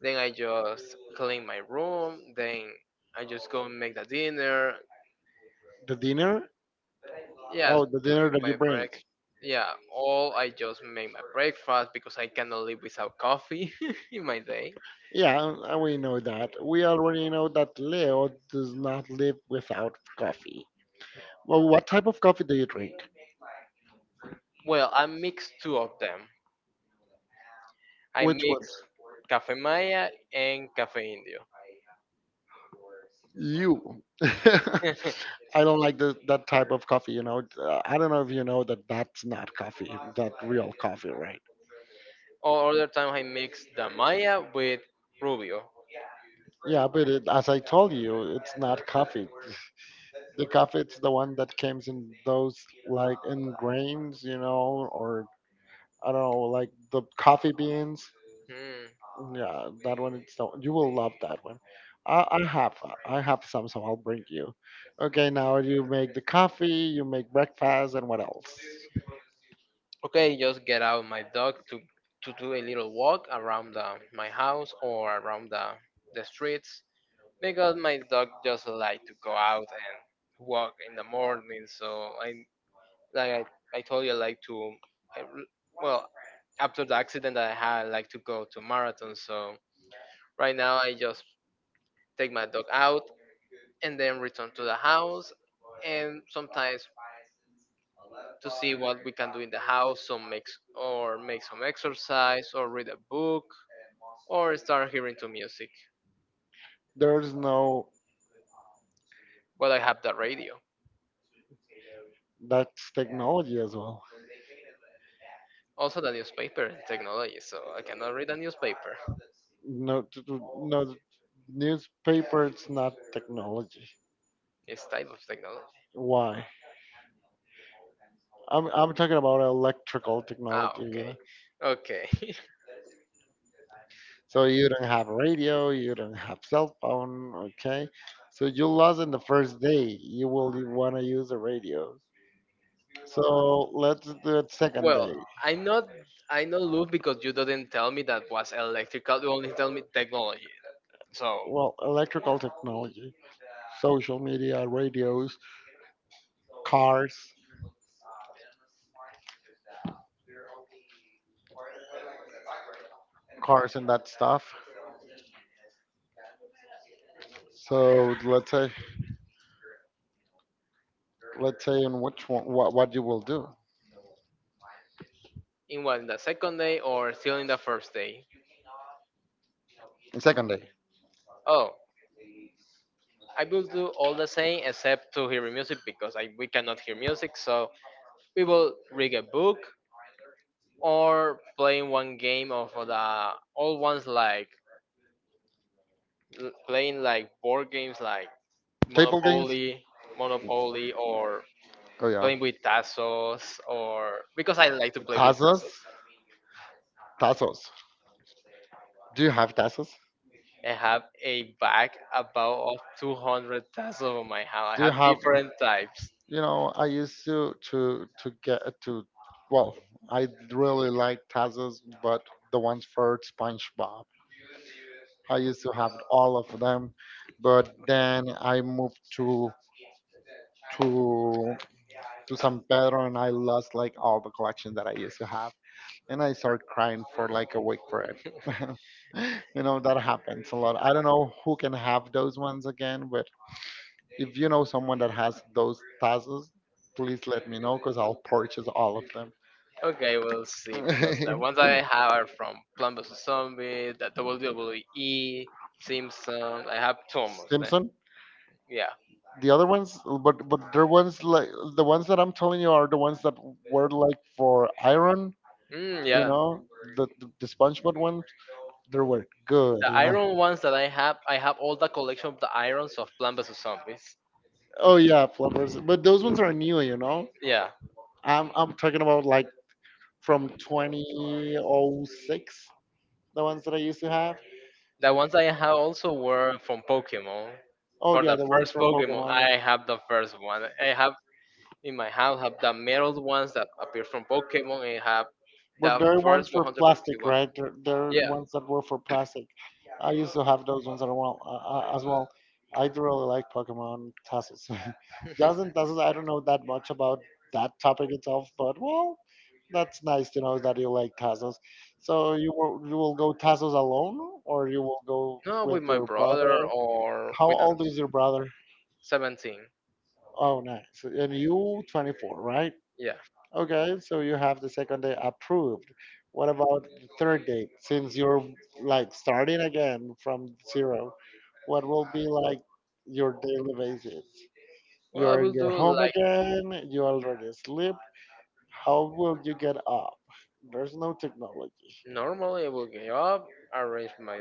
Then I just clean my room. Then I just go and make the dinner.
The dinner?
Yes,
Oh, the dinner
like
that you
my
bring.
breaks. Yeah, all I just make my breakfast because I cannot live without coffee in my day.
Yeah, we know that. We already know that Leo does not live without coffee. Well, what type of coffee do you drink?
Well, I mix two of them. I
Which
mix
ones?
cafe maya and cafe indio.
You. I don't like this, that type of coffee, you know. I don't know if you know that that's not coffee, that real coffee, right?
Or other time I mix the maya with rubio.
Yeah, but it, as I told you, it's not coffee. The coffee it's the one that comes in those like in grains, you know, or I don't know, like the coffee beans.
Hmm.
Yeah, that one it's the you will love that one. I have that. I have some, so I'll bring you. Okay, now you make the coffee, you make breakfast, and what else?
Okay, just get out my dog to do a little walk around the, my house or around the streets because my dog just like to go out and walk in the morning. So I like I told you I like to I, r- well after the accident that I had I like to go to marathon. So right now I just take my dog out, and then return to the house, and sometimes to see what we can do in the house, some mix or make some exercise, or read a book, or start hearing to music.
There's no
But I have the radio,
that's technology as well.
also the newspaper and technology, so I cannot read a newspaper.
No, t- t- no newspaper. It's not technology.
It's type of technology.
Why? I'm talking about electrical
Ah,
technology, you
okay,
know.
okay.
So you don't have radio, you don't have cell phone, okay? So you lost in the first day. You will want to use the radio. So let's do it second
well,
day.
I not I not look because you didn't tell me that was electrical. You only tell me technology. So
Well, electrical technology, social media, radios, cars, cars and that stuff. So let's say on which one, what you will do.
in what, in the second day or still in the first day?
Second day.
Oh, I will do all the same except to hear music because I, we cannot hear music. So we will read a book or playing one game of the old ones like playing like board games like
Table games.
Monopoly, Monopoly or
Oh yeah.
playing with Tassos or because I like to play with Tassos.
Tazos. Tazos. Do you have tassels?
I have a bag about of 200 tassels of my hand. I
Do you
have
have?
different types.
You know, I used to get to. Well, I really like tassels, but the ones for SpongeBob. I used to have all of them, but then I moved to to San Pedro and I lost like all the collection that I used to have, and I started crying for like a week for it. You know that happens a lot. I don't know who can have those ones again, but if you know someone that has those tazos, please let me know because I'll purchase all of them.
Okay, we'll see because the ones that I have are from Plant vs Zombies, the WWE, Simpsons. I have two almost then.
Simpson.
Yeah.
The other ones, but they're ones like the ones that I'm telling you are the ones that were like for iron.
Mm,
You
yeah.
know, the SpongeBob ones. They were good.
The
You know.
iron ones that I have all the collection of the irons of Plant vs Zombies.
Oh yeah, flippers. But those ones are new. You know.
Yeah.
I'm talking about like from 2006, the ones that I used to have.
The ones I have also were from Pokemon.
Oh
For
yeah,
the
the ones
first
for
Pokemon,
Pokemon.
I have the first one. I have in my house have the metal ones that appear from Pokemon and have
But
the
there are ones
first
for plastic,
151.
right? There are
Yeah.
ones that were for plastic. I used to have those ones as well. As well, I do really like Pokemon Tassos. Doesn't Tassos, I don't know that much about that topic itself, but well, that's nice to know that you like Tassos. So you will go Tassos alone, or you will go
No,
with
with my
your brother.
brother or
How
with
old
us.
is your brother?
17.
Oh, nice. And you, 24, right?
Yeah.
Okay, so you have the second day approved. What about the third day? Since you're like starting again from zero, what will be like your daily basis?
Well, I
You're in
will
your
do
home
like
again, you already sleep. How will you get up? There's no technology.
normally. I will get up, arrange my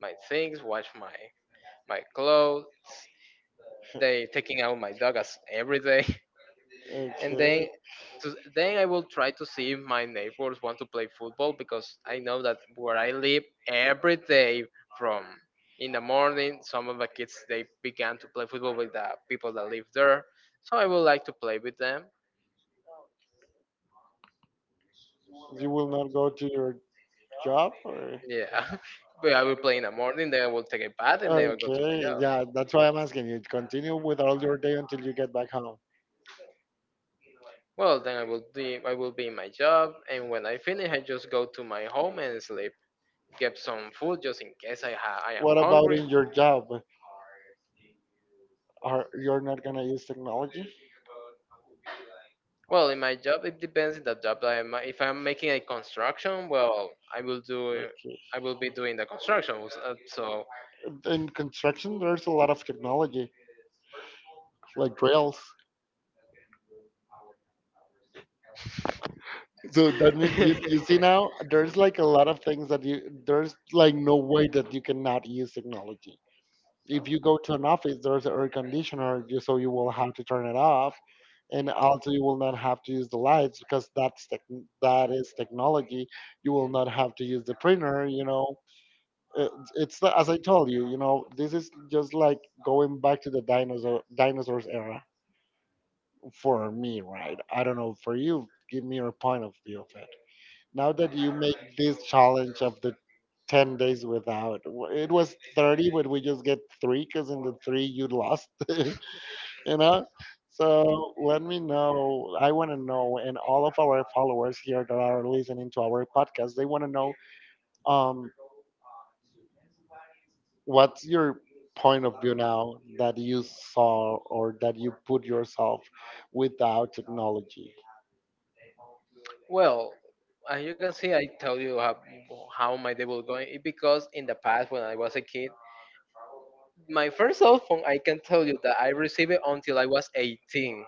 my things, wash my clothes, they taking out my dog as every day and
Okay,
then then I will try to see if my neighbors want to play football because I know that where I live every day from in the morning some of the kids they began to play football with the people that live there, so I would like to play with them.
okay. You will not go to your job or?
Yeah. But I will play in the morning, then I will take a bath and then I'll go to my
Okay,
job.
yeah, that's why I'm asking you. Continue with all your day until you get back home.
Well, then I will be in my job and when I finish I just go to my home and sleep, get some food just in case I am
What about
hungry.
in your job? Are you're not gonna use technology?
Well, in my job, it depends on the job that I'm. If I'm making a construction, well, I will do.
Okay.
I will be doing the construction. uh, So,
In construction, there's a lot of technology, like rails. So that means you see now, there's like a lot of things that you, there's like no way that you cannot use technology. If you go to an office, there's an air conditioner, so you will have to turn it off, and also you will not have to use the lights because that is technology. You will not have to use the printer. You know, Uh, it's as I told you. You know, this is just like going back to the dinosaurs era for me, right? I don't know for you. Give me your point of view of it. Now that you make this challenge of the 10 days without, it was 30, but we just get three because in the three you lost, you know? So let me know. I want to know, and all of our followers here that are listening to our podcast, they want to know um, what's your point of view now that you saw or that you put yourself without technology?
well, as you can see, I tell you how my day will go. It because in the past when I was a kid. My first cell phone, I can tell you that I received it until I was 18.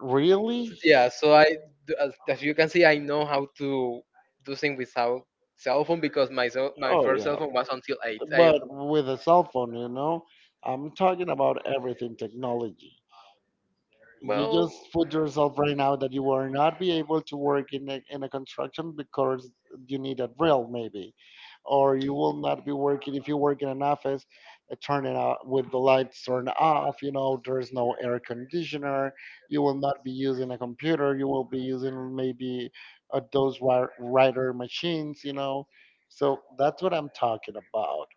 Really?
Yeah, so as you can see, I know how to do things without cell phone because my
Oh
first cell
yeah,
phone was until eight.
but with a cell phone, you know, I'm talking about everything technology. You
Well,
just put yourself right now that you will not be able to work in a construction because you need a drill, maybe, or you will not be working if you work in an office, turning out with the lights turned off. You know, there's no air conditioner. You will not be using a computer. You will be using maybe those writer machines. You know, so that's what I'm talking about,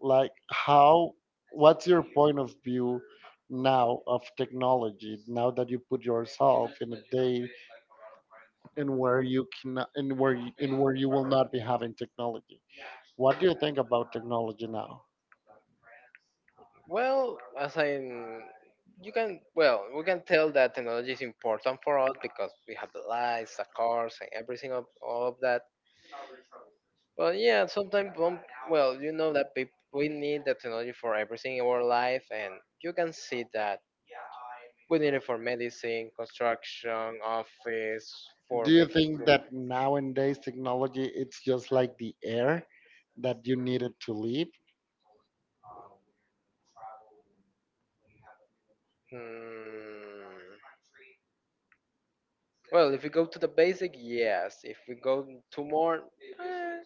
like how, what's your point of view now of technology now that you put yourself in a day in where you cannot, in where you will not be having technology. What do you think about technology now?
Well, as I, you can, well, we can tell that technology is important for us because we have the lights, the cars, and everything of all of that. But yeah, sometimes, well, you know that peop we need the technology for everything in our life, and you can see that we need it for medicine, construction, office,
Do
for
you
making
think
good.
that nowadays technology it's just like the air that you needed to live?
Hmm. Well, if we go to the basic, yes. If we go to more, eh,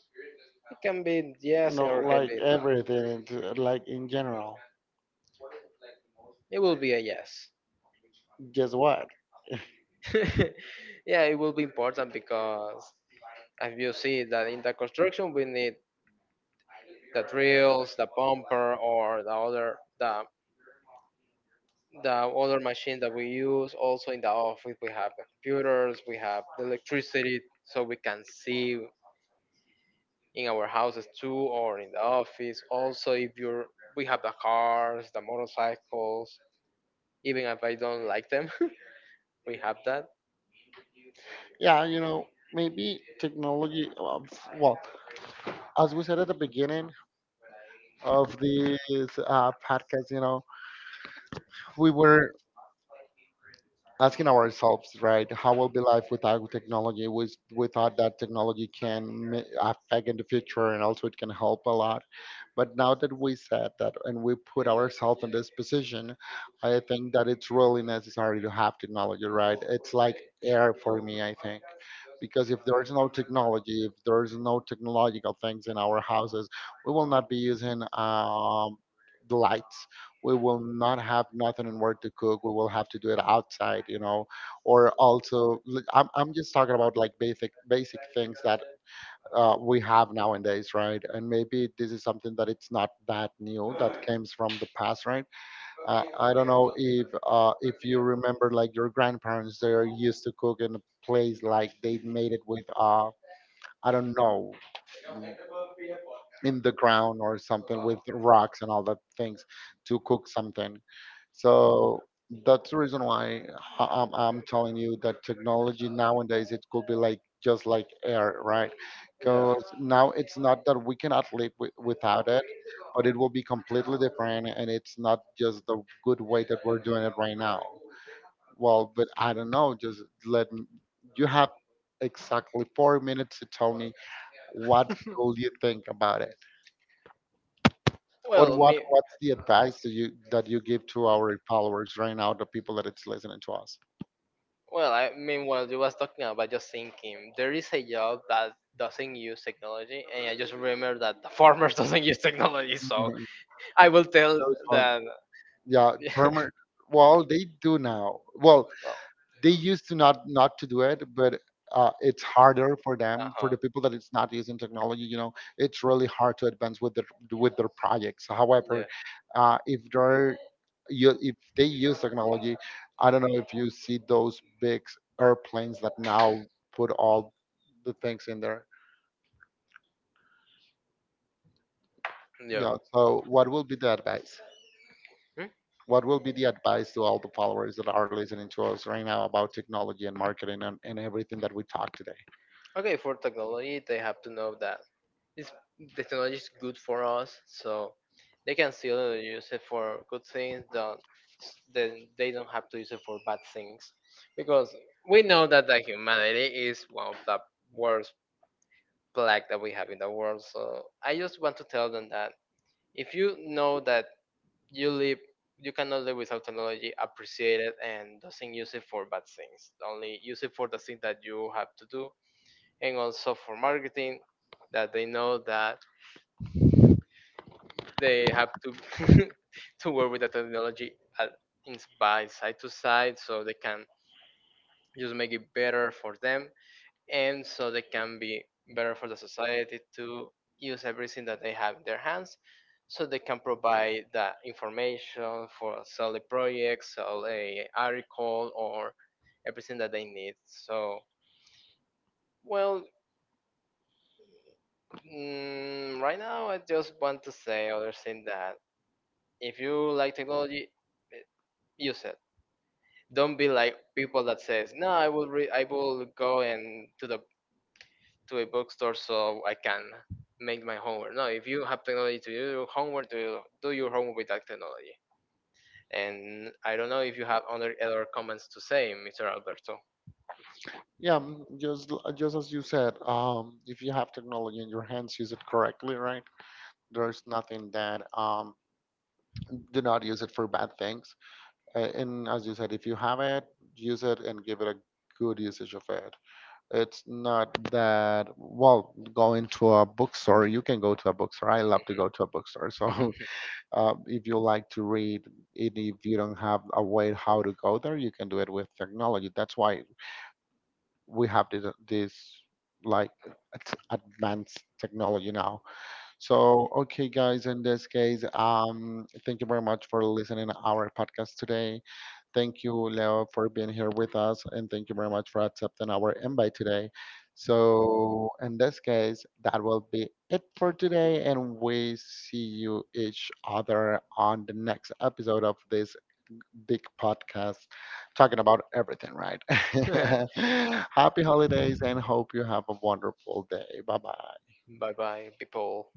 it can be yes
No,
or it can
like
be no.
everything it's, like in general,
It will be a yes.
guess what.
Yeah, it will be important because as you see that in the construction we need the drills, the bumper, or the other machine that we use. Also in the office, we have the computers, we have the electricity, so we can see in our houses too, or in the office. Also, if you're we have the cars, the motorcycles. Even if I don't like them, we have that.
Yeah, you know, maybe technology. Well, as we said at the beginning of this podcast, you know, we were asking ourselves, right, how will be life without technology? Without that technology can affect in the future, and also it can help a lot. But now that we said that, and we put ourselves in this position, I think that it's really necessary to have technology, right? It's like air for me, I think. Because if there's no technology, if there's no technological things in our houses, we will not be using the lights. We will not have nothing in where to cook. We will have to do it outside, you know. Or also, I'm just talking about like basic basic things that we have nowadays, right? And maybe this is something that it's not that new that comes from the past, right? I don't know if you remember like your grandparents they are used to cook in a place like they made it with I don't know, in the ground or something with rocks and all that things to cook something. So that's the reason why I'm telling you that technology nowadays it could be like just like air, right?
Yeah.
Because now it's not that we cannot live without it, but it will be completely different, and it's not just the good way that we're doing it right now. Well, but I don't know. Just let me. You have exactly 4 minutes to tell me what could you think about it, or
Well,
what
me.
what's the advice that you give to our followers right now, the people that it's listening to us.
Well, I mean, while you was talking about just thinking, there is a job that doesn't use technology, and I just remember that the farmers doesn't use technology, so
Mhm.
I will tell
So fun.
that.
Yeah,
Yeah.
perma. Well, they do now. Well,
Well,
they used to not to do it, but it's harder for them, for
uh-huh.
the people that it's not using technology. You know, it's really hard to advance with their projects.
yeah,
However, if they're you, if they use technology, I don't know if you see those big airplanes that now put all the things in there.
yeah.
Yeah. So, what will be the advice?
Mm,
What will be the advice to all the followers that are listening to us right now about technology and marketing and everything that we talked today?
okay, for technology, they have to know that it's, the technology is good for us, so they can still use it for good things. That then they don't have to use it for bad things because we know that the humanity is one of the worst plague that we have in the world, so I just want to tell them that if you know that you live you cannot live without technology, appreciate it and doesn't use it for bad things, only use it for the thing that you have to do. And also for marketing, that they know that they have to to work with the technology at, in, by side to side so they can just make it better for them, and so they can be better for the society, to use everything that they have in their hands so they can provide that information for sell the projects, sell a article or everything that they need. So well mm, right now I just want to say other thing that if you like technology, eh, use it. Don't be like people that says no, I will go and to the to a bookstore so I can make my homework. No, if you have technology to do your homework, do your homework with that technology. And I don't know if you have other comments to say, Mr. Alberto.
Yeah, mm, just just as you said, if you have technology in your hands, use it correctly, right? There's nothing that do not use it for bad things. And as you said, if you have it, use it and give it a good usage of it. It's not that, well, going to a bookstore, you can go to a bookstore. I love to go to a bookstore. So if you like to read, and if you don't have a way how to go there, you can do it with technology. That's why we have this like advanced technology now. So, okay, guys, in this case, thank you very much for listening to our podcast today. Thank you, Leo, for being here with us, and thank you very much for accepting our invite today. So, in this case, that will be it for today, and we see you each other on the next episode of this big podcast talking about everything, right?
Mhm.
Happy holidays, and hope you have a wonderful day. Bye bye.
Bye bye, people.